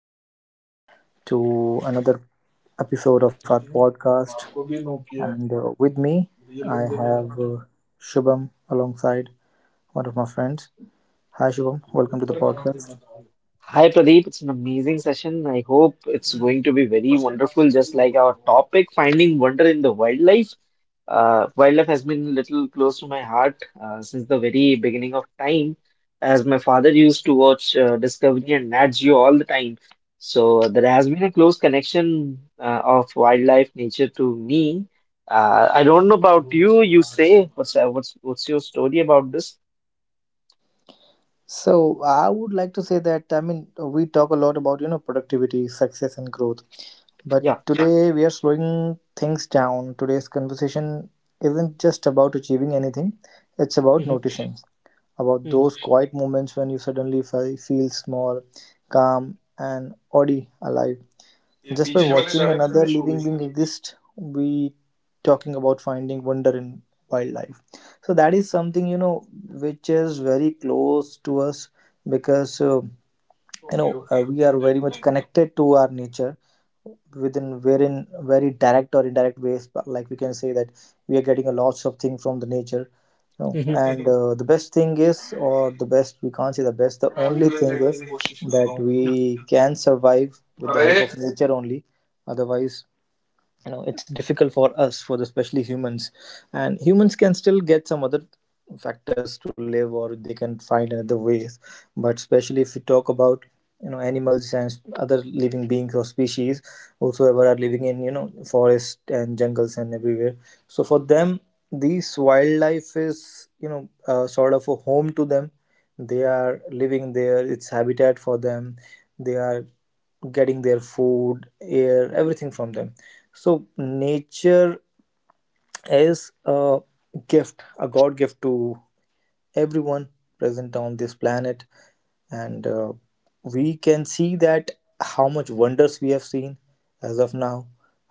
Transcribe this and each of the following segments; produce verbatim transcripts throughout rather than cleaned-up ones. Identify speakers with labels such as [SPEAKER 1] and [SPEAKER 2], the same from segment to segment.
[SPEAKER 1] again to another episode of our podcast. And uh, with me, I have uh, Shubham alongside one of my friends. Hi, Shubham. Welcome to the podcast.
[SPEAKER 2] Hi Pradeep, it's an amazing session. I hope it's going to be very wonderful, just like our topic, finding wonder in the wildlife. Uh, wildlife has been a little close to my heart uh, since the very beginning of time, as my father used to watch uh, Discovery and Nat Geo all the time. So, uh, there has been a close connection uh, of wildlife nature to me. Uh, I don't know about you. You say what's uh, what's what's your story about this?
[SPEAKER 1] So, I would like to say that I mean, we talk a lot about you know productivity, success, and growth, but
[SPEAKER 2] Yeah.
[SPEAKER 1] today we are slowing things down. Today's conversation isn't just about achieving anything, it's about
[SPEAKER 2] Hmm.
[SPEAKER 1] noticing. About
[SPEAKER 2] Hmm.
[SPEAKER 1] those quiet moments when you suddenly fe- feel small, calm, and oddly alive. Just by watching another living being exist, we talking about finding wonder in wildlife. So that is something you know which is very close to us because. Uh, you know uh, we are very much connected to our nature within wherein very direct or indirect ways, but like we can say that we are getting a lots of things from the nature you know and uh, the best thing is, or the best, we can't say the best, the only thing is that we can survive with the help of nature only. Otherwise you know it's difficult for us, for the especially humans, and humans can still get some other factors to live or they can find another way. But especially if we talk about you know animals and other living beings or species whosoever are living in you know forest and jungles and everywhere, so for them these wildlife is you know uh, sort of a home to them. They are living there, it's habitat for them. They are getting their food, air, everything from them. So nature is a gift, a god gift to everyone present on this planet. And uh, we can see that how much wonders we have seen as of now,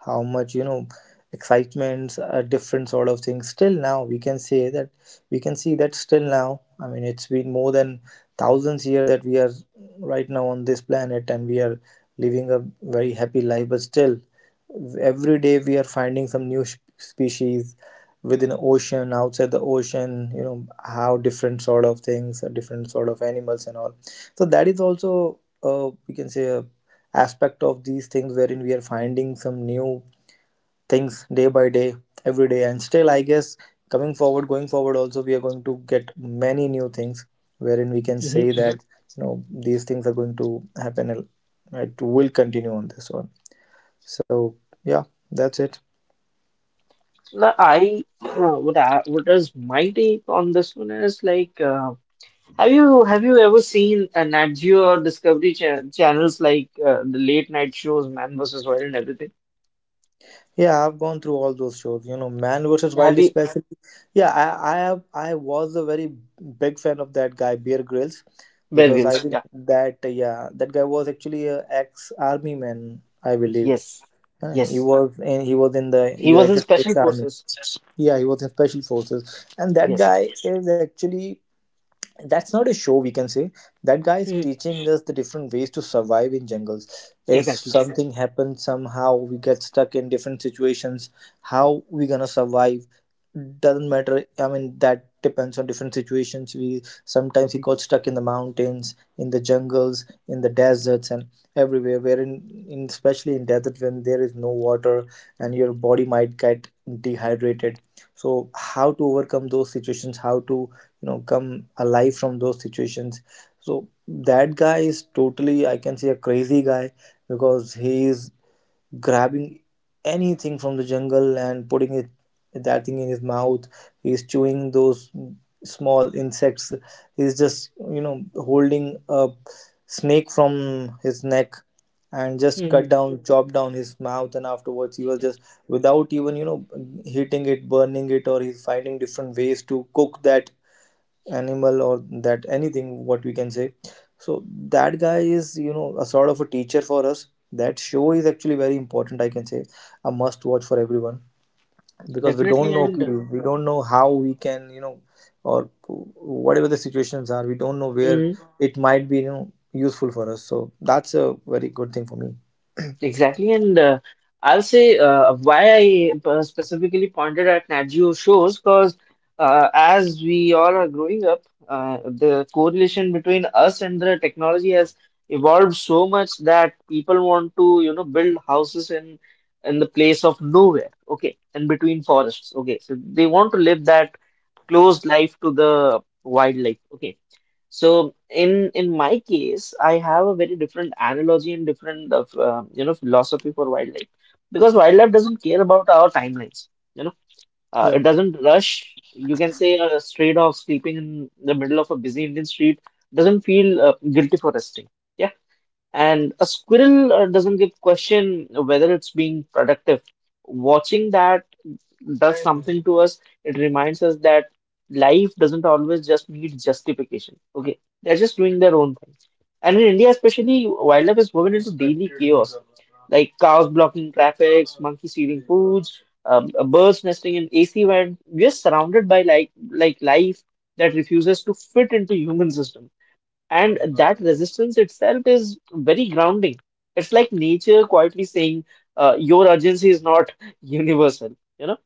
[SPEAKER 1] how much you know excitements, uh, different sort of things. Still now we can say that, we can see that still now, I mean, it's been more than thousands year that we are right now on this planet, and we are living a very happy life. But still every day we are finding some new sh- species within the ocean, outside the ocean, you know how different sort of things, uh, different sort of animals and all. So that is also, uh, we can say, a aspect of these things wherein we are finding some new things day by day, every day. And still I guess coming forward going forward also we are going to get many new things wherein we can say
[SPEAKER 2] Mhm.
[SPEAKER 1] that you know these things are going to happen, it will continue on this one. So yeah, that's it.
[SPEAKER 2] The I uh, what I what is my take on this one is like, uh, have you have you ever seen a Nat Geo or Discovery cha- channels like, uh, the late night shows Man versus Wild and everything?
[SPEAKER 1] Yeah, I've gone through all those shows. You know, Man versus Wild,
[SPEAKER 2] Have you?
[SPEAKER 1] especially. Yeah, I, I have. I was a very big fan of that guy, Bear Grylls,
[SPEAKER 2] Bear
[SPEAKER 1] because I
[SPEAKER 2] Grylls?
[SPEAKER 1] think
[SPEAKER 2] Yeah.
[SPEAKER 1] that yeah, that guy was actually a ex-army man, I believe.
[SPEAKER 2] Yes.
[SPEAKER 1] Uh, He
[SPEAKER 2] Yes.
[SPEAKER 1] was in. He was in the
[SPEAKER 2] He was in
[SPEAKER 1] United
[SPEAKER 2] Special
[SPEAKER 1] States Army.
[SPEAKER 2] Forces.
[SPEAKER 1] Yeah, he was in special forces, and that
[SPEAKER 2] Yes.
[SPEAKER 1] guy is actually that's not a show, we can say that guy is
[SPEAKER 2] Mhm.
[SPEAKER 1] teaching us the different ways to survive in jungles. If
[SPEAKER 2] Exactly.
[SPEAKER 1] something happens, somehow we get stuck in different situations, how we gonna survive, doesn't matter. I mean, that depends on different situations. We sometimes He got stuck in the mountains, in the jungles, in the deserts, and everywhere, wherein in especially in desert when there is no water and your body might get dehydrated. So how to overcome those situations, how to you know come alive from those situations. So that guy is totally, I can say, a crazy guy because he is grabbing anything from the jungle and putting it that thing in his mouth. He is chewing those small insects. He is just you know holding a snake from his neck and just
[SPEAKER 2] Mhm.
[SPEAKER 1] cut down, chop down his mouth, and afterwards he was just, without even you know heating it, burning it, or he's finding different ways to cook that animal or that anything, what we can say. So that guy is, you know a sort of a teacher for us. That show is actually very important, I can say, a must watch for everyone. Because we
[SPEAKER 2] Definitely.
[SPEAKER 1] don't know
[SPEAKER 2] And,
[SPEAKER 1] we don't know how we can, you know or whatever the situations are, we don't know where
[SPEAKER 2] mm,
[SPEAKER 1] it might be you know useful for us. So that's a very good thing for me.
[SPEAKER 2] exactly, and uh, I'll say, uh, why I uh, specifically pointed at Nat Geo shows because uh, as we all are growing up, uh, the correlation between us and the technology has evolved so much that people want to, you know, build houses in in the place of nowhere, okay, in between forests, okay, so they want to live that closed life to the wildlife. Okay, so in in my case, I have a very different analogy and different of, uh, you know philosophy for wildlife, because wildlife doesn't care about our timelines. You know, uh, it
[SPEAKER 1] Yeah,
[SPEAKER 2] doesn't rush. You can say a stray dog sleeping in the middle of a busy Indian street doesn't feel uh, guilty for resting. Yeah, and a squirrel uh, doesn't give question whether it's being productive. Watching that does, right, something to us. It reminds us that life doesn't always just need justification. Okay, they're just doing their own thing. And in India, especially, wildlife is woven into daily chaos, like cows blocking traffic, monkeys stealing foods, um, uh, birds nesting in A C vent. We are surrounded by like like life that refuses to fit into human system, and that resistance itself is very grounding. It's like nature quietly saying, uh, "Your urgency is not universal." you know.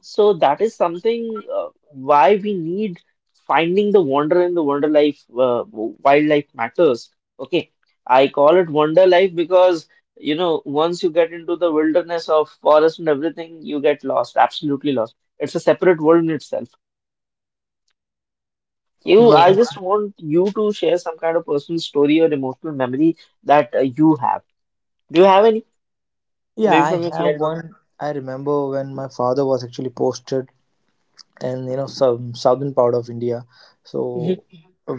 [SPEAKER 2] So that is something, uh, why we need finding the wonder in the wonder life uh, wildlife matters. Okay, I call it wonder life because, you know once you get into the wilderness of forest and everything, you get lost, absolutely lost. It's a separate world in itself. You,
[SPEAKER 1] yeah,
[SPEAKER 2] I just want you to share some kind of personal story or emotional memory that, uh, you have. Do you have any?
[SPEAKER 1] yeah,
[SPEAKER 2] Maybe
[SPEAKER 1] I
[SPEAKER 2] from your
[SPEAKER 1] have
[SPEAKER 2] childhood?
[SPEAKER 1] one. I remember when my father was actually posted and you know some southern part of India.
[SPEAKER 2] Mm-hmm,
[SPEAKER 1] So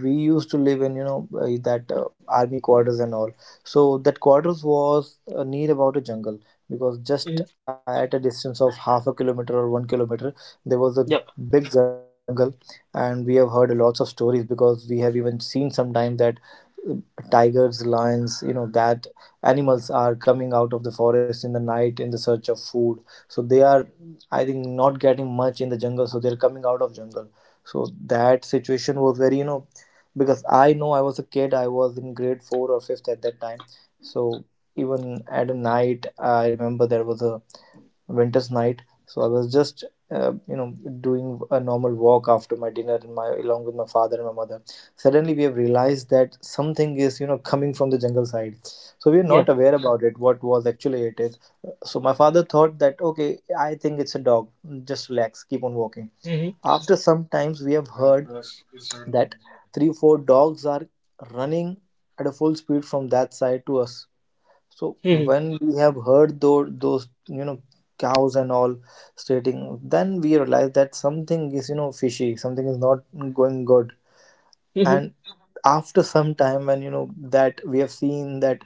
[SPEAKER 1] we used to live in you know uh, that uh, army quarters and all. So that quarters was uh, near about a jungle, because just
[SPEAKER 2] mm-hmm,
[SPEAKER 1] uh, at a distance of half a kilometer or one kilometer there was a
[SPEAKER 2] yeah,
[SPEAKER 1] big jungle. And we have heard lots of stories because we have even seen sometimes that uh, tigers, lions, you know that animals are coming out of the forest in the night in the search of food. So they are, I think, not getting much in the jungle, so they're coming out of jungle. So that situation was very, you know, because I know I was a kid, I was in grade four or fifth at that time. So even at a night, I remember there was a winter's night. So I was just, uh, you know, doing a normal walk after my dinner, and my along with my father and my mother. Suddenly, we have realized that something is, you know, coming from the jungle side. So we are
[SPEAKER 2] yeah.
[SPEAKER 1] not aware about it. What was actually it is. So my father thought that, okay, I think it's a dog. Just relax, keep on walking.
[SPEAKER 2] Mm-hmm,
[SPEAKER 1] After some times, we have heard that three, four dogs are running at a full speed from that side to us. So
[SPEAKER 2] mm-hmm,
[SPEAKER 1] when we have heard those, those you know cows and all stating, then we realize that something is you know fishy, something is not going good.
[SPEAKER 2] mm-hmm,
[SPEAKER 1] And after some time when you know that we have seen that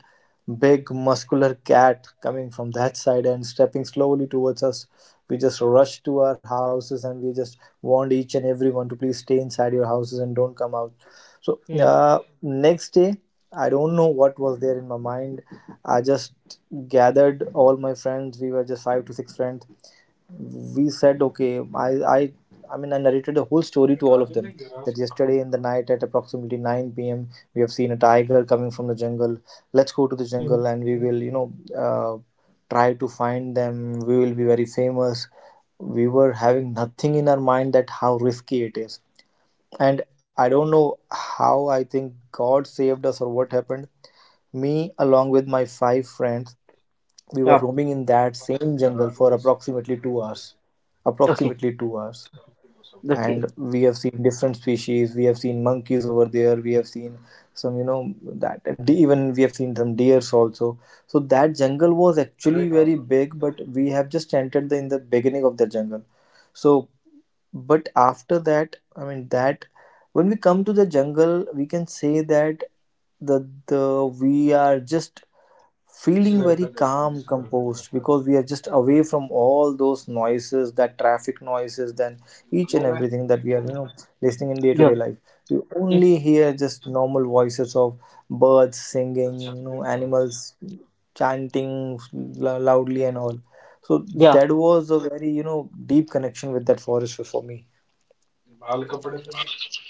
[SPEAKER 1] big muscular cat coming from that side and stepping slowly towards us, we just rush to our houses and we just warned each and everyone to please stay inside your houses and don't come out. So
[SPEAKER 2] mm-hmm.
[SPEAKER 1] uh, next day I don't know what was there in my mind. I just gathered all my friends, we were just five to six friends. We said, okay, i i I mean, I narrated the whole story to all of them, that yesterday in the night at approximately nine p m we have seen a tiger coming from the jungle. Let's go to the
[SPEAKER 2] Mm-hmm.
[SPEAKER 1] jungle and we will you know uh, try to find them, we will be very famous. We were having nothing in our mind that how risky it is. And I don't know how, I think god saved us or what happened. Me along with my five friends, we were
[SPEAKER 2] Yeah.
[SPEAKER 1] roaming in that same jungle for approximately two hours.
[SPEAKER 2] Okay.
[SPEAKER 1] Approximately two hours.
[SPEAKER 2] Okay.
[SPEAKER 1] And we have seen different species. We have seen monkeys over there. We have seen some, you know, that. And de- even we have seen some deers also. So that jungle was actually very big, but we have just entered the, in the beginning of the jungle. So, but after that, I mean, that when we come to the jungle we can say that the the we are just feeling very calm, composed, because we are just away from all those noises, that traffic noises, then each and everything that we are you know listening in day to
[SPEAKER 2] Yeah.
[SPEAKER 1] day life. You
[SPEAKER 2] Mm.
[SPEAKER 1] only hear just normal voices of birds singing, you know animals chanting lo- loudly and all. So
[SPEAKER 2] Yeah.
[SPEAKER 1] that was a very, you know deep connection with that forest for for me.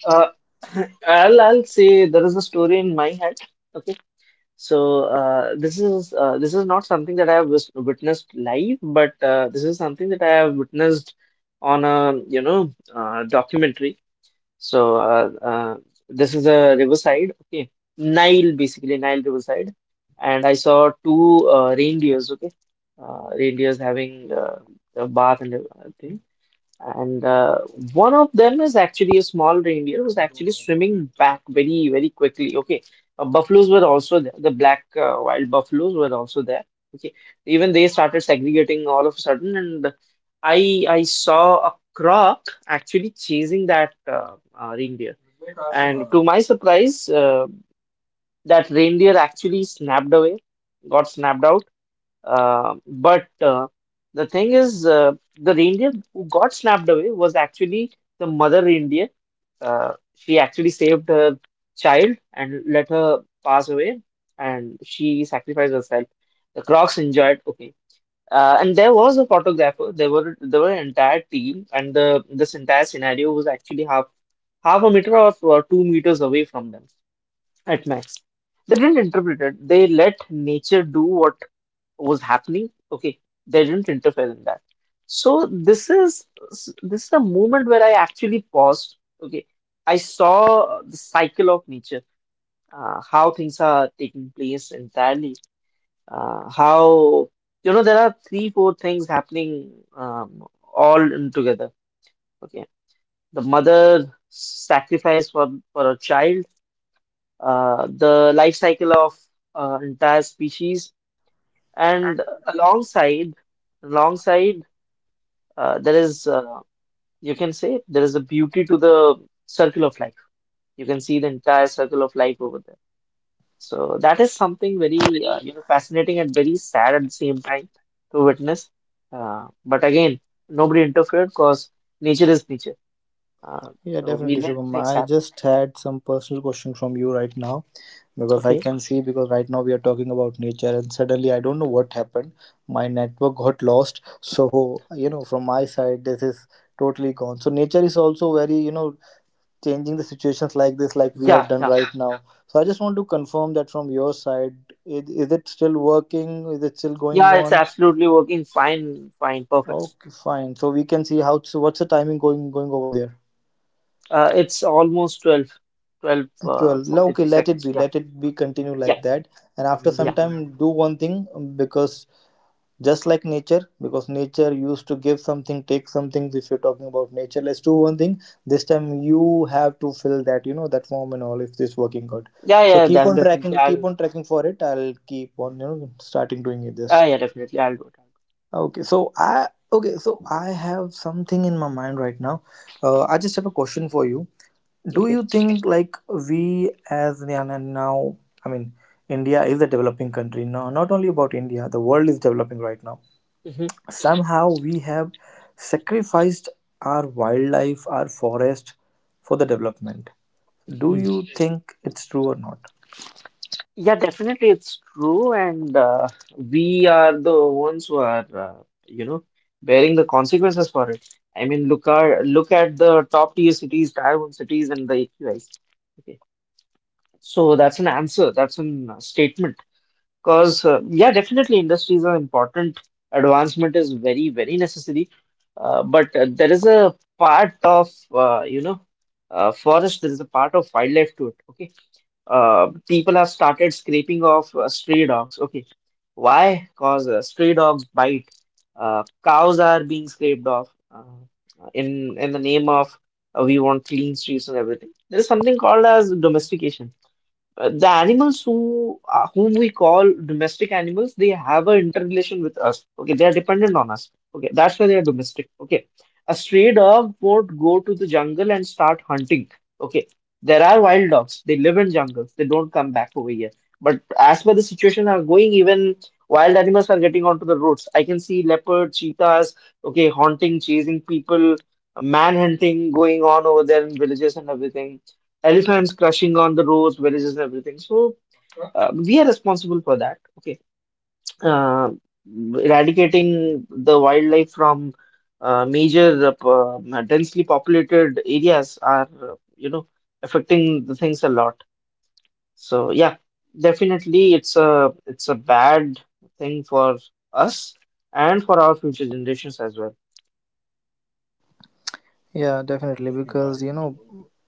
[SPEAKER 2] Uh, I'll I'll say there is a story in my head. Okay. So, uh, this is uh, this is not something that I have wis- witnessed live, but uh, this is something that I have witnessed on a, you know uh, documentary. So, uh, uh, this is a riverside. Okay. Nile, basically Nile riverside, and I saw two uh, reindeers. Okay. Uh, reindeers having, uh, a bath and everything. And uh, one of them is actually a small reindeer who's actually swimming back very, very quickly. Okay. Uh, buffaloes were also there. The black, uh, wild buffaloes were also there. Okay. Even they started segregating all of a sudden. And I I saw a croc actually chasing that, uh, uh, reindeer. And to my surprise, uh, that reindeer actually snapped away, got snapped out. Uh, but uh, the thing is, uh, the reindeer who got snapped away was actually the mother reindeer. Uh, she actually saved her child and let her pass away, and she sacrificed herself. The crocs enjoyed, okay. Uh, and there was a photographer. There were there were an entire team, and the this entire scenario was actually half half a meter, or, or two meters away from them at max. They didn't interpret it. They let nature do what was happening, okay, they didn't interfere in that. So this is this is a moment where I actually paused. Okay, I saw the cycle of nature, uh, how things are taking place entirely, uh, how, you know, there are three four things happening, um, all in together. Okay, the mother sacrifice for for a child, uh, the life cycle of, uh, entire species, and alongside alongside uh, there is uh, you can say there is a beauty to the circle of life. You can see the entire circle of life over there. So that is something very, uh, you know fascinating and very sad at the same time to witness. Uh, but again, nobody interfered because nature is nature. uh,
[SPEAKER 3] Yeah,
[SPEAKER 2] so we
[SPEAKER 3] definitely,
[SPEAKER 2] let
[SPEAKER 3] Shubham.
[SPEAKER 2] things
[SPEAKER 3] I
[SPEAKER 2] happen,
[SPEAKER 3] just had some personal question from you right now because I
[SPEAKER 2] okay.
[SPEAKER 3] can see because right now we are talking about nature and suddenly I don't know what happened. My network got lost. So, you know, from my side, this is totally gone. So nature is also very, you know, changing the situations like this, like we
[SPEAKER 2] Yeah,
[SPEAKER 3] have done
[SPEAKER 2] yeah,
[SPEAKER 3] right now. So I just want to confirm that from your side, is, is it still working? Is it still going
[SPEAKER 2] yeah, it's
[SPEAKER 3] on?
[SPEAKER 2] absolutely working fine fine perfect.
[SPEAKER 3] Okay, fine. So we can see how, so what's the timing going, going over there?
[SPEAKER 2] Uh, it's almost 12 twelve, uh,
[SPEAKER 3] Well, no, okay,
[SPEAKER 2] forty three
[SPEAKER 3] let it
[SPEAKER 2] seconds.
[SPEAKER 3] be,
[SPEAKER 2] Yeah,
[SPEAKER 3] let it be continue
[SPEAKER 2] yeah,
[SPEAKER 3] like that. And after some
[SPEAKER 2] yeah.
[SPEAKER 3] time, do one thing um, because just like nature, because nature used to give something, take something. If you're talking about nature, let's do one thing. This time, you have to fill that, you know, that form and all if this working good.
[SPEAKER 2] Yeah,
[SPEAKER 3] So
[SPEAKER 2] yeah, yeah,
[SPEAKER 3] keep
[SPEAKER 2] def-
[SPEAKER 3] on
[SPEAKER 2] definitely.
[SPEAKER 3] tracking,
[SPEAKER 2] I'll,
[SPEAKER 3] keep on tracking for it. I'll keep on, you know, starting doing it
[SPEAKER 2] ah,
[SPEAKER 3] this.
[SPEAKER 2] yeah, definitely. I'll do it. I'll
[SPEAKER 3] Okay, so I okay, so I have something in my mind right now. Uh, I just have a question for you,
[SPEAKER 2] do it.
[SPEAKER 3] do
[SPEAKER 2] Okay.
[SPEAKER 3] you think like we as Indian now, i mean India is a developing country, no, not only about India, the world is developing right now.
[SPEAKER 2] Mhm.
[SPEAKER 3] Somehow we have sacrificed our wildlife, our forest for the development. Do
[SPEAKER 2] Hmm.
[SPEAKER 3] you think it's true or not?
[SPEAKER 2] Yeah, definitely. It's true. And uh, we are the ones who are, uh, you know, bearing the consequences for it. I mean, look, our, look at the top tier cities, tier one cities, and the A Q Is. Okay. So that's an answer. That's a statement. Because, uh, yeah, definitely industries are important. Advancement is very, very necessary. Uh, but uh, there is a part of, uh, you know, uh, forest, there is a part of wildlife to it. Okay. Uh, people have started scraping off uh, stray dogs. Okay. Why? Because uh, stray dogs bite. Uh, cows are being scraped off uh, in in the name of, uh, we want clean streets and everything. There is something called as domestication, uh, the animals who uh, whom we call domestic animals, they have an interrelation with us, okay, they are dependent on us, okay, that's why they are domestic, okay. A stray dog won't go to the jungle and start hunting, okay. There are wild dogs, they live in jungles, they don't come back over here. But as per the situation are going, even wild animals are getting onto the roads. I can see leopard cheetahs, okay, haunting, chasing people. Uh, manhunting going on over there in villages and everything, elephants crushing on the roads, villages, and everything. So, uh, we are responsible for that. Okay, uh, eradicating the wildlife from, uh, major, uh, p- uh, densely populated areas are, uh, you know, affecting the things a lot. So yeah, definitely it's a it's a bad thing for us and for our future generations as well.
[SPEAKER 3] Yeah, definitely. Because, you know,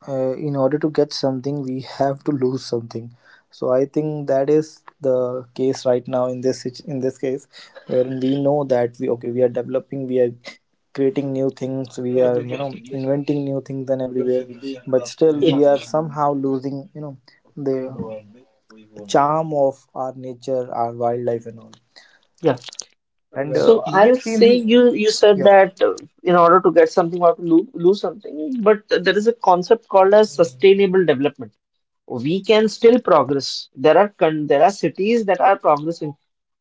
[SPEAKER 3] uh, in order to get something, we have to lose something. So I think that is the case right now in this sit- in this case, wherein we know that we, okay, we are developing, we are creating new things, we are, you know inventing new things and everywhere, but still
[SPEAKER 2] Yeah,
[SPEAKER 3] we are somehow losing, you know the charm of our nature, our wildlife and all.
[SPEAKER 2] yeah.
[SPEAKER 3] And
[SPEAKER 2] So
[SPEAKER 3] uh, we have
[SPEAKER 2] I'll
[SPEAKER 3] seen
[SPEAKER 2] say,
[SPEAKER 3] this.
[SPEAKER 2] you you said that, uh, in order to get something or to lose, lose something, but there is a concept called as sustainable development. We can still progress. There are con there are cities that are progressing.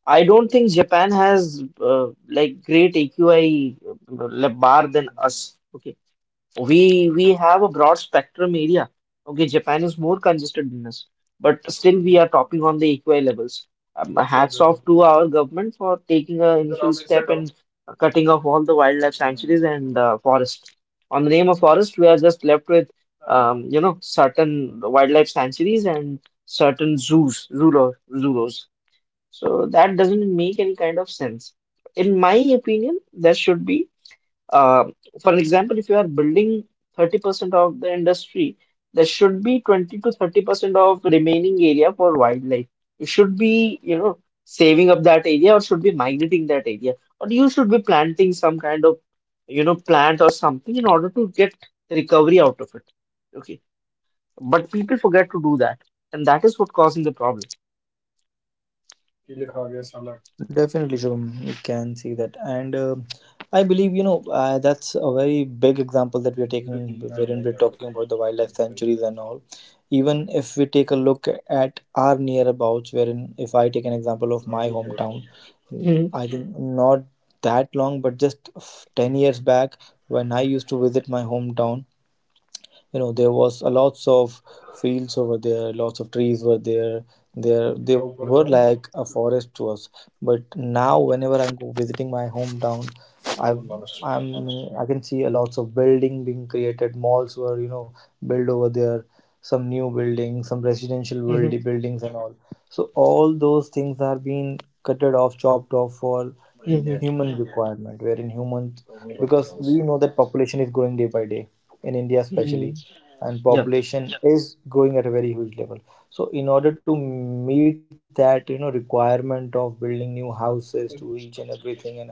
[SPEAKER 2] I don't think Japan has, uh, like, great A Q I uh, bar than us. Okay, we we have a broad spectrum area. Okay, Japan is more congested than us, but still we are topping on the A Q I levels. Um, hats off to our government for taking a initial step in cutting off all the wildlife sanctuaries and uh, forests. On the name of forest, we are just left with, um, you know, certain wildlife sanctuaries and certain zoos, zoolo- zoos. So that doesn't make any kind of sense. In my opinion, there should be, uh, for an example, if you are building thirty percent of the industry, there should be twenty to thirty percent of remaining area for wildlife. You should be, you know, saving up that area or should be migrating that area. Or you should be planting some kind of, you know, plant or something in order to get recovery out of it. Okay. But people forget to do that. And that is what causing the problem.
[SPEAKER 3] Definitely, Shubham, you can see that, and uh, I believe, you know uh, that's a very big example that we are taking, wherein we're talking about the wildlife sanctuaries and all. Even if we take a look at our nearabouts, wherein if I take an example of my hometown, I
[SPEAKER 2] Hmm.
[SPEAKER 3] think not that long, but just f- ten years back when I used to visit my hometown, you know there was a lots of fields over there, lots of trees were there, there they were like a forest to us. But now whenever i'm go- visiting my hometown, I've I'm I can see a lots of building being created, malls were, you know built over there, some new buildings, some residential build-
[SPEAKER 2] Hmm.
[SPEAKER 3] buildings and all. So all those things are being cutted off, chopped off for
[SPEAKER 2] Hmm.
[SPEAKER 3] human
[SPEAKER 2] Yeah.
[SPEAKER 3] requirement wherein humans, because we know that population is growing day by day in India especially,
[SPEAKER 2] Hmm.
[SPEAKER 3] and population
[SPEAKER 2] Yeah.
[SPEAKER 3] is growing at a very huge level. So in order to meet that, you know requirement of building new houses to each and everything, and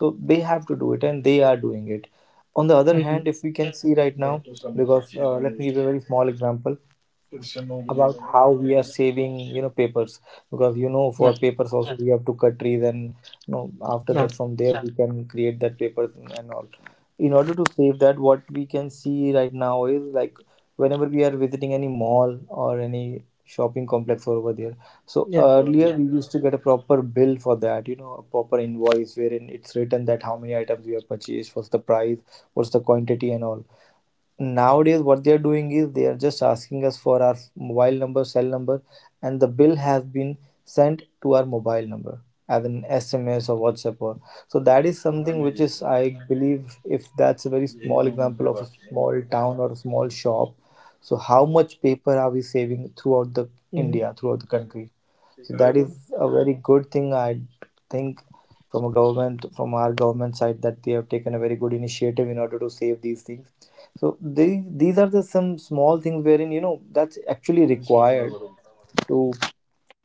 [SPEAKER 3] so they have to do it and they are doing it. On the other hand, if we can
[SPEAKER 2] Mhm.
[SPEAKER 3] see right now, because uh, let me give you a very small example about how we are saving, you know papers, because, you know for papers also, Mm, we
[SPEAKER 2] Yeah.
[SPEAKER 3] have to cut trees, and, you know after that from there we
[SPEAKER 2] Yeah.
[SPEAKER 3] can create that papers and all. In order to save that, what we can see right now is like, whenever we are visiting any mall or any shopping complex over there, so earlier, Yeah, we used to
[SPEAKER 2] Yeah.
[SPEAKER 3] get a proper bill for that, you know a proper invoice wherein it's written that how many items we have purchased, what's the price, what's the quantity and all. Nowadays what they are doing is, they are just asking us for our mobile number, cell number, and the bill has been sent to our mobile number as an SMS or WhatsApp, or so that is something which is, I believe, if that's a very small example of a small town or a small shop, so how much paper are we saving
[SPEAKER 2] Hmm.
[SPEAKER 3] throughout the India, throughout the country? So that is a very good thing, I think, from a government, from our government side, that they have taken a very good initiative in order to save these things. So they, these are the some small things wherein, you know that's actually required to,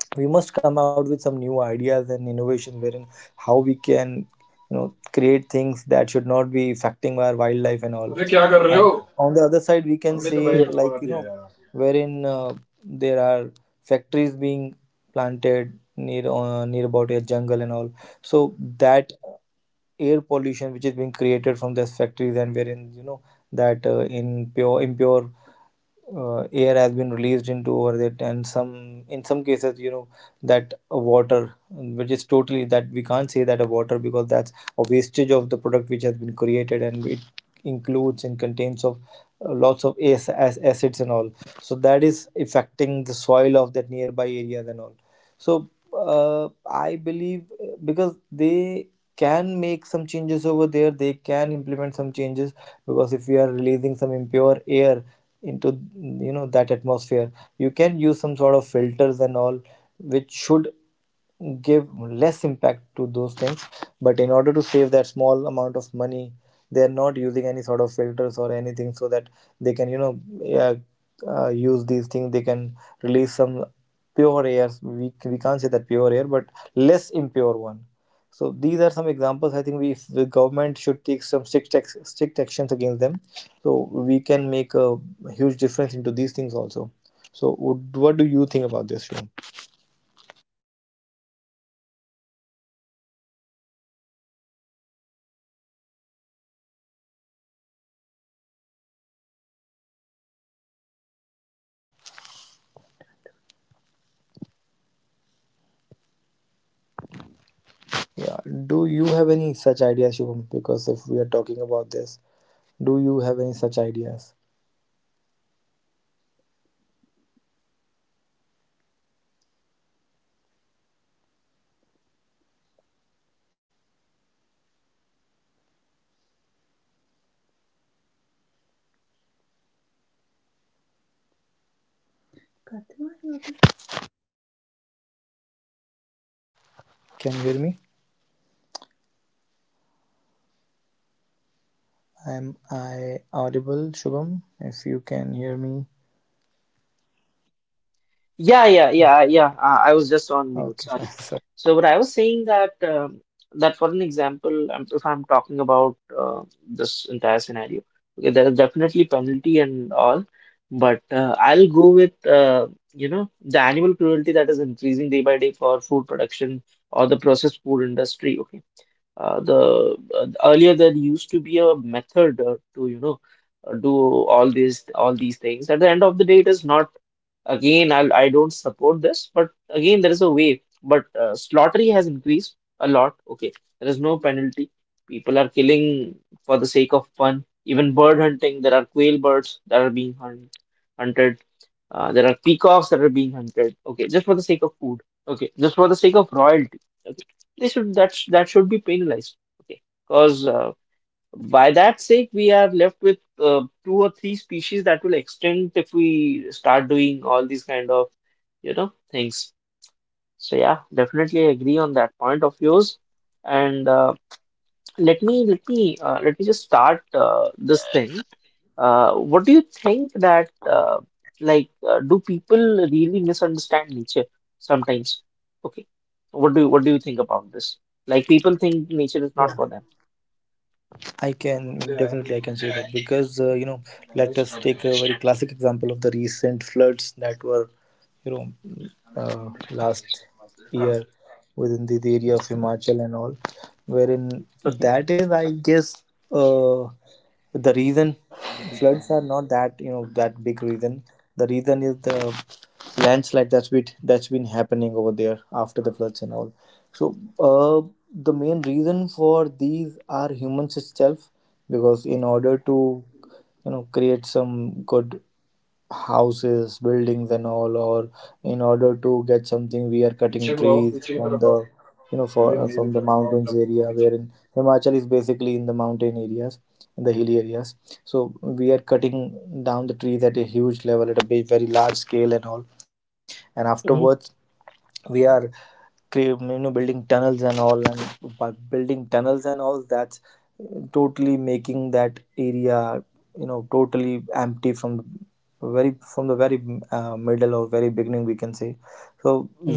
[SPEAKER 3] we must come out with some new ideas and innovations wherein how we can, you know create things that should not be affecting our wildlife and all. And on the other side we can say like, you know
[SPEAKER 2] Yeah.
[SPEAKER 3] wherein, uh, there are factories being planted near, uh, near about a jungle and all. So that air pollution which is being created from these factories, and wherein, you know that uh, in pure, impure uh, air has been released into over it, and some, in some cases, you know that uh, water, which is totally, that we can't say that a water, because that's a wastage of the product which has been created, and it includes and contains of uh, lots of as, as acids and all. So that is affecting the soil of that nearby areas and all. So uh, I believe uh, because they can make some changes over there, they can implement some changes, because if we are releasing some impure air into, you know that atmosphere, you can use some sort of filters and all, which should give less impact to those things. But in order to save that small amount of money, they are not using any sort of filters or anything, so that they can, you know yeah, uh, use these things, they can release some pure air, we, we can't say that pure air, but less impure one. So these are some examples, I think we, if the government should take some strict ex- strict actions against them, so we can make a a huge difference into these things also. So would, what do you think about this, Shubham? Yeah, do you have any such ideas, Shubham? Because if we are talking about this, do you have any such ideas? Can you hear me? Am I audible, Shubham? If you can hear me,
[SPEAKER 2] Yeah, yeah, yeah, yeah. Uh, I was just on mute.
[SPEAKER 3] okay, fine.
[SPEAKER 2] Sorry.
[SPEAKER 3] Sorry.
[SPEAKER 2] So, but I was saying that, um, that for an example, um, if I'm talking about, uh, this entire scenario, okay, there is definitely penalty and all, but uh, I'll go with, uh, you know, the animal cruelty that is increasing day by day for food production or the processed food industry. Okay. uh, the uh, Earlier, there used to be a method, uh, to, you know uh, do all these all these things. At the end of the day, it is not. Again, I'll, I don't support this, but again, there is a way. But uh, slaughtery has increased a lot. Okay, there is no penalty. People are killing for the sake of fun. Even bird hunting, there are quail birds that are being hunt, hunted. Uh, there are peacocks that are being hunted. Okay, just for the sake of food. Okay, just for the sake of royalty. Okay, they should that sh- that should be penalized. Okay, because by that sake, we are left with uh, two or three species that will extinct if we start doing all these kind of, you know, things. So yeah, definitely agree on that point of yours. And uh, let me let me uh, let me just start uh, this thing. Uh, what do you think that uh, like uh, do people really misunderstand nature sometimes? Okay, what do you, what do you think about this? Like people think
[SPEAKER 3] Yeah.
[SPEAKER 2] nature is not for them.
[SPEAKER 3] I can definitely I can say that, because uh, you know let us take a very classic example of the recent floods that were, you know uh, last year within the, the area of Himachal and all, wherein
[SPEAKER 2] Okay.
[SPEAKER 3] that is I guess, uh, the reason, floods are not that, you know that big reason. The reason is the landslide that's been, that's been happening over there after the floods and all. So uh, the main reason for these are humans itself, because in order to, you know create some good houses, buildings, and all, or in order to get something, we are cutting trees from the, you know for uh, from the mountains area, wherein Himachal is basically in the mountain areas, in the hilly areas. So we are cutting down the trees at a huge level, at a big, very large scale, and all, and afterwards
[SPEAKER 2] Mhm.
[SPEAKER 3] we are cre- you know building tunnels and all, and by building tunnels and all, that's uh, totally making that area, you know totally empty from the very, from the very uh, middle, or very beginning we can say. So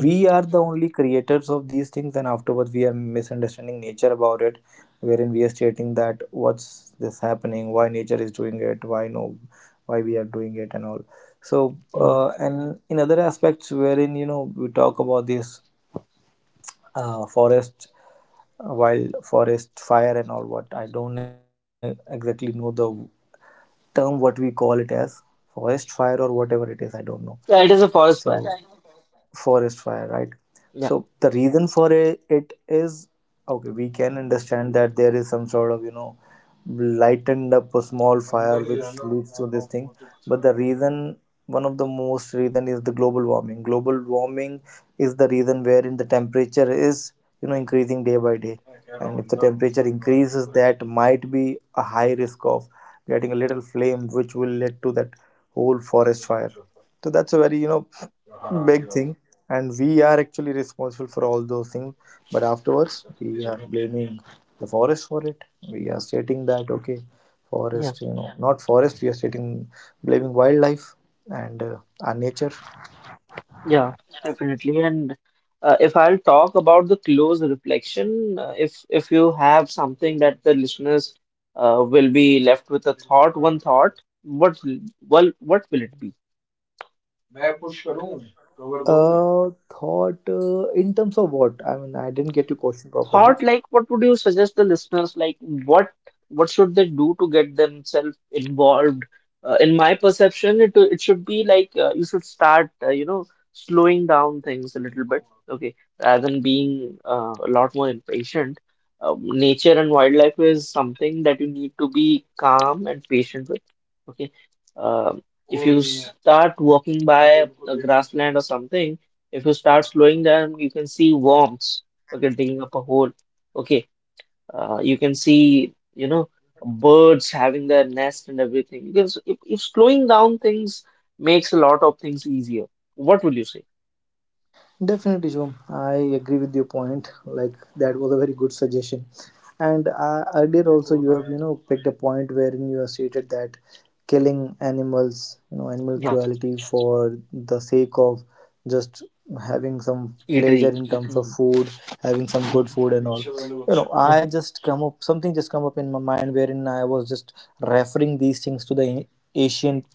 [SPEAKER 3] we are the only creators of these things, and afterwards we are misunderstanding nature about it, wherein we are stating that what's this happening, why nature is doing it, why no, why we are doing it and all. So,
[SPEAKER 2] Mhm.
[SPEAKER 3] uh, and in other aspects wherein, you know, we talk about this uh, forest, uh, wild forest fire and all, what, I don't e- exactly know the term what we call it as, forest fire or whatever it is, I don't know.
[SPEAKER 2] Yeah, it is a
[SPEAKER 3] So,
[SPEAKER 2] forest fire.
[SPEAKER 3] forest fire right. So
[SPEAKER 2] Yeah,
[SPEAKER 3] the reason for it, it is, okay, we can understand that there is some sort of, you know lightened up a small fire which leads to this thing. But the reason, one of the most reason is the global warming. Global warming is the reason, wherein the temperature is, you know increasing day by day, and if the temperature increases, that might be a high risk of getting a little flame which will lead to that whole forest fire. So that's a very, you know big thing, and we are actually responsible for all those things, but afterwards we are blaming the forest for it. We are stating that, okay,
[SPEAKER 2] yeah,
[SPEAKER 3] forest you know not forest, we are stating, blaming wildlife and uh, our nature.
[SPEAKER 2] yeah, definitely. And uh, if I'll talk about the close reflection, uh, if if you have something that the listeners uh, will be left with a thought, one thought, what will- well, what will it be?
[SPEAKER 3] uh Thought, uh, in terms of what, I mean, I didn't get your question properly.
[SPEAKER 2] Thought like what would you suggest the listeners, like what what should they do to get themselves involved. Uh, in my perception, it it should be like, uh, you should start, uh, you know slowing down things a little bit. Okay, rather than being uh, a lot more impatient. um, Nature and wildlife is something that you need to be calm and patient with. Okay. um, if you start walking by a grassland or something, if you start slowing down, you can see worms, okay, digging up a hole. Okay, uh, you can see, you know, birds having their nest and everything. You can, if, if slowing down things makes a lot of things easier. What will you say?
[SPEAKER 3] Definitely, Shubham. I agree with your point. Like that was a very good suggestion. And uh, earlier also, you have you know picked a point wherein you have stated that killing animals, you know, animal
[SPEAKER 2] Yeah.
[SPEAKER 3] cruelty for the sake of just having some
[SPEAKER 2] Eatery.
[SPEAKER 3] pleasure in terms of
[SPEAKER 2] Mm.
[SPEAKER 3] food, having some good
[SPEAKER 2] Mm.
[SPEAKER 3] food and all. You know,
[SPEAKER 2] Yeah,
[SPEAKER 3] I just come up something just come up in my mind wherein I was just referring these things to the ancient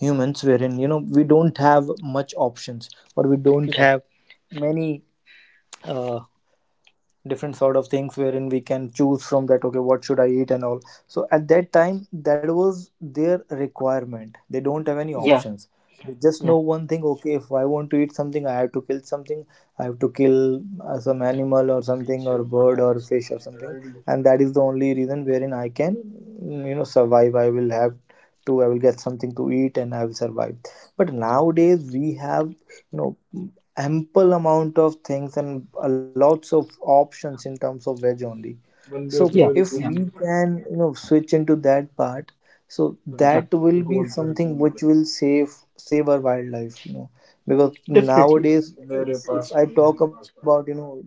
[SPEAKER 3] humans wherein you know we don't have much options, or we don't
[SPEAKER 2] yeah,
[SPEAKER 3] have many uh, different sort of things wherein we can choose from, that okay, what should I eat and all. So at that time, that was their requirement. They don't have any
[SPEAKER 2] yeah,
[SPEAKER 3] options. They just
[SPEAKER 2] yeah,
[SPEAKER 3] know one thing, okay, if I want to eat something, I have to kill something. I have to kill uh, some animal or something, or bird or fish or something. And that is the only reason wherein I can mm, you know survive. I will have to I will get something to eat, and I will survive. But nowadays we have you know ample amount of things, and uh, lots of options in terms of veg only. So
[SPEAKER 2] yeah,
[SPEAKER 3] if
[SPEAKER 2] yeah,
[SPEAKER 3] we can you know switch into that part. So
[SPEAKER 2] yeah,
[SPEAKER 3] that will be something which will save save our wildlife you know Because
[SPEAKER 2] definitely.
[SPEAKER 3] nowadays, if, if I talk about you know the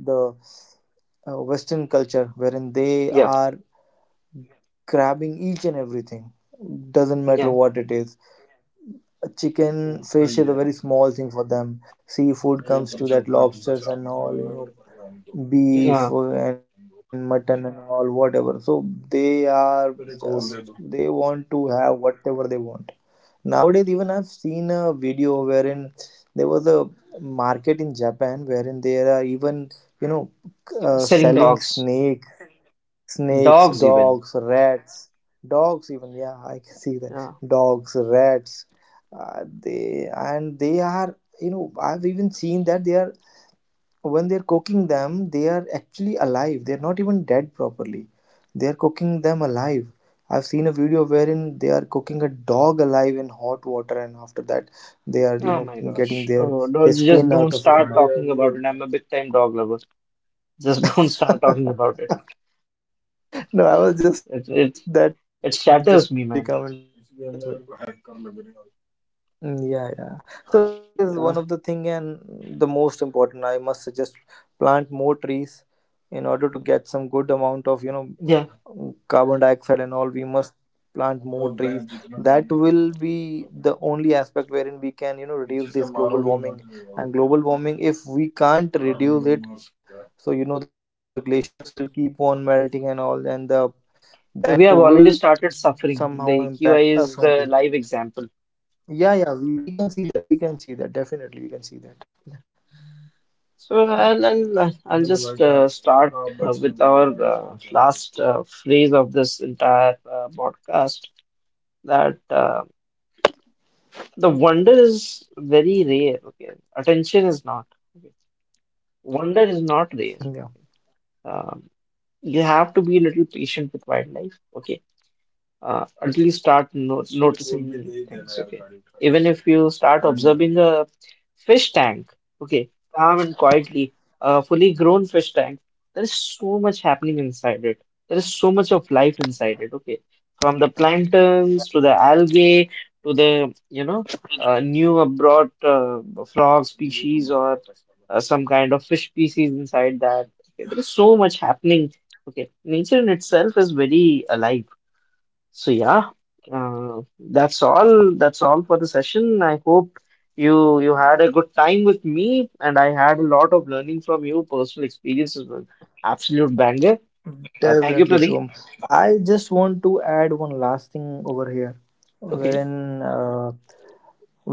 [SPEAKER 3] uh, western culture wherein they
[SPEAKER 2] Yeah,
[SPEAKER 3] are grabbing each and everything, doesn't matter
[SPEAKER 2] yeah,
[SPEAKER 3] what it is. A chicken, fish is a very small thing for them. Seafood comes to that, lobsters and all, you know beef
[SPEAKER 2] yeah.
[SPEAKER 3] and mutton and all, whatever. So they are just they want to have whatever they want. Nowadays, even I've seen a video wherein there was a market in Japan wherein there are even you know uh,
[SPEAKER 2] Selling
[SPEAKER 3] selling
[SPEAKER 2] dogs.
[SPEAKER 3] snake snakes,
[SPEAKER 2] Dogs even,
[SPEAKER 3] dogs, rats. Dogs even, yeah, I can see that.
[SPEAKER 2] yeah.
[SPEAKER 3] Dogs, rats. uh, they and they are, you know I've even seen that, they are, when they're cooking them they are actually alive, they're not even dead properly, they're cooking them alive. I've seen a video wherein they are cooking a dog alive in hot water, and after that they are you
[SPEAKER 2] Oh
[SPEAKER 3] know
[SPEAKER 2] my
[SPEAKER 3] getting
[SPEAKER 2] gosh.
[SPEAKER 3] their
[SPEAKER 2] Oh no,
[SPEAKER 3] his
[SPEAKER 2] just
[SPEAKER 3] skin
[SPEAKER 2] don't
[SPEAKER 3] out of it
[SPEAKER 2] start
[SPEAKER 3] and
[SPEAKER 2] talking about it, I'm a big time dog lover. Just don't start talking
[SPEAKER 3] all.
[SPEAKER 2] about it.
[SPEAKER 3] No, I was just, that
[SPEAKER 2] It
[SPEAKER 3] thing just
[SPEAKER 2] it
[SPEAKER 3] suddenly come into
[SPEAKER 2] it
[SPEAKER 3] my mind,
[SPEAKER 2] shatters
[SPEAKER 3] that's why.
[SPEAKER 2] me, man.
[SPEAKER 3] Mm, yeah, yeah. So that is one of the thing, and the
[SPEAKER 2] Uh,
[SPEAKER 3] most important, I must suggest, plant more trees in order to get some good amount of you know carbon
[SPEAKER 2] yeah,
[SPEAKER 3] dioxide and all. We must plant more trees. That will be the only aspect wherein we can you know reduce this global warming. And global warming, if we can't reduce it, so you know the glaciers will keep on melting and all, and the that will
[SPEAKER 2] we
[SPEAKER 3] somehow
[SPEAKER 2] have already
[SPEAKER 3] impact us
[SPEAKER 2] started
[SPEAKER 3] only.
[SPEAKER 2] suffering. The Q I is the
[SPEAKER 3] Yeah,
[SPEAKER 2] live
[SPEAKER 3] yeah, we, we
[SPEAKER 2] example.
[SPEAKER 3] can see that. We can see that. Definitely, we can see that.
[SPEAKER 2] So I'll I'll I'll I'll
[SPEAKER 3] Uh,
[SPEAKER 2] just uh, start uh, with our uh, last uh, phrase of this entire uh, podcast, that uh, the wonder is very rare. Okay, attention is not. Okay. Wonder
[SPEAKER 3] yeah,
[SPEAKER 2] is not rare. Okay. Um, you have to be a little patient with wildlife. Okay, uh, until you start no noticing the things. Okay, even if you start observing a fish tank, okay, calm and quietly, a fully grown fish tank, there is so much happening inside it. There is so much of life inside it. Okay, from the planktons to the algae to the, you know, uh, new abroad, uh, frog species or uh, some kind of fish species inside that. Okay, there is so much happening. Okay, nature in itself is very alive. So yeah, uh, that's all. That's all for the session. I hope you you had a good time with me, and I had a lot of learning from you. Personal experiences were absolute banger. Uh, thank you,
[SPEAKER 3] definitely,
[SPEAKER 2] Pradeep.
[SPEAKER 3] Shubham. I just want to add one last thing over here,
[SPEAKER 2] Okay,
[SPEAKER 3] wherein uh,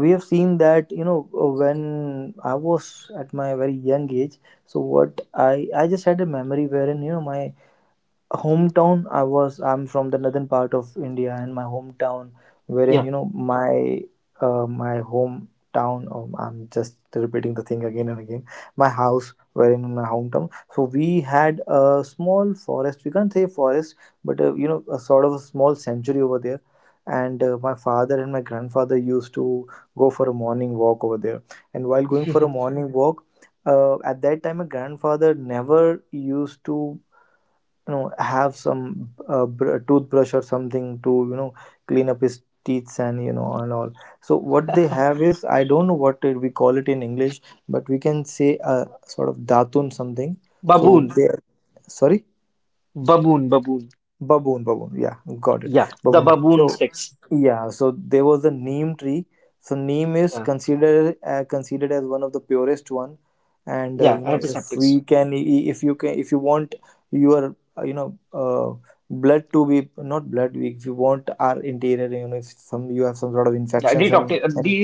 [SPEAKER 3] we have seen that you know uh, when I was at my very young age. So what i i just had a memory wherein you know my hometown, i was I'm from the northern part of India, and my hometown, wherein
[SPEAKER 2] yeah,
[SPEAKER 3] you know my uh, my hometown. um, I'm just repeating the thing again and again. My house wherein in my hometown. So we had a small forest, we can't say forest, but uh, you know a sort of a small sanctuary over there. And uh, my father and my grandfather used to go for a morning walk over there. And while going for a morning walk, uh, at that time, my grandfather never used to you know have some uh, br- toothbrush or something to you know clean up his teeth and you know and all. So what they have is, I don't know what it, we call it in English, but we can say a sort of datun something. So
[SPEAKER 2] baboon,
[SPEAKER 3] they, sorry,
[SPEAKER 2] baboon, baboon.
[SPEAKER 3] baboon, baboon, yeah, got it,
[SPEAKER 2] Yeah, the
[SPEAKER 3] baboon.
[SPEAKER 2] baboon
[SPEAKER 3] So
[SPEAKER 2] sticks.
[SPEAKER 3] yeah, so there was a neem tree. So neem is
[SPEAKER 2] Yeah,
[SPEAKER 3] considered uh, considered as one of the purest one, and uh,
[SPEAKER 2] yeah,
[SPEAKER 3] you know if
[SPEAKER 2] antiseptics.
[SPEAKER 3] we can, if you can, if you want your uh, you know uh, blood to be, not blood, if you want our interior, you know if some you have some sort of
[SPEAKER 2] Yeah,
[SPEAKER 3] infections
[SPEAKER 2] detox
[SPEAKER 3] and and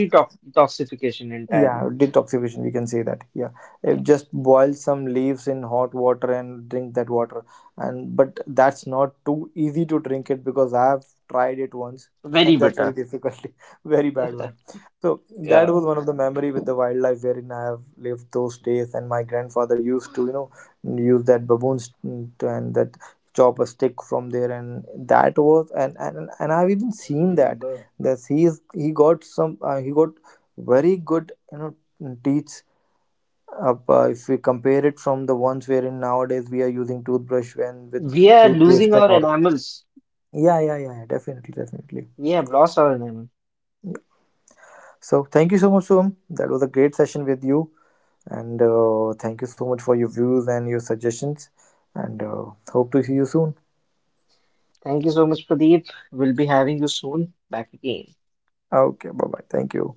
[SPEAKER 2] detoxification entirely.
[SPEAKER 3] yeah, detoxification, we can say that. Yeah, if
[SPEAKER 2] Yeah,
[SPEAKER 3] just boil some leaves in hot water and drink that water. And but that's not too easy to drink it, because I have tried it once
[SPEAKER 2] very
[SPEAKER 3] and that's very
[SPEAKER 2] bitter.
[SPEAKER 3] difficult, very bad one. So that
[SPEAKER 2] Yeah,
[SPEAKER 3] was one of the memory with the wildlife wherein I have lived those days. And my grandfather used to, you know, use that baboons to, and that chop a stick from there. And that was and and and I've even seen that. That he is he got some uh, he got very good, you know teach up, uh, if we compare it from the ones wherein nowadays we are using toothbrush when with
[SPEAKER 2] we are losing
[SPEAKER 3] toothpaste and
[SPEAKER 2] our
[SPEAKER 3] all.
[SPEAKER 2] enamels.
[SPEAKER 3] Yeah, yeah, yeah, yeah, definitely, definitely.
[SPEAKER 2] We have lost our enamel.
[SPEAKER 3] So thank you so much, Soham. That was a great session with you. And uh, thank you so much for your views and your suggestions. And uh, hope to see you soon.
[SPEAKER 2] Thank you so much, Pradeep. We'll be having you soon back again.
[SPEAKER 3] Okay, bye bye. Thank you.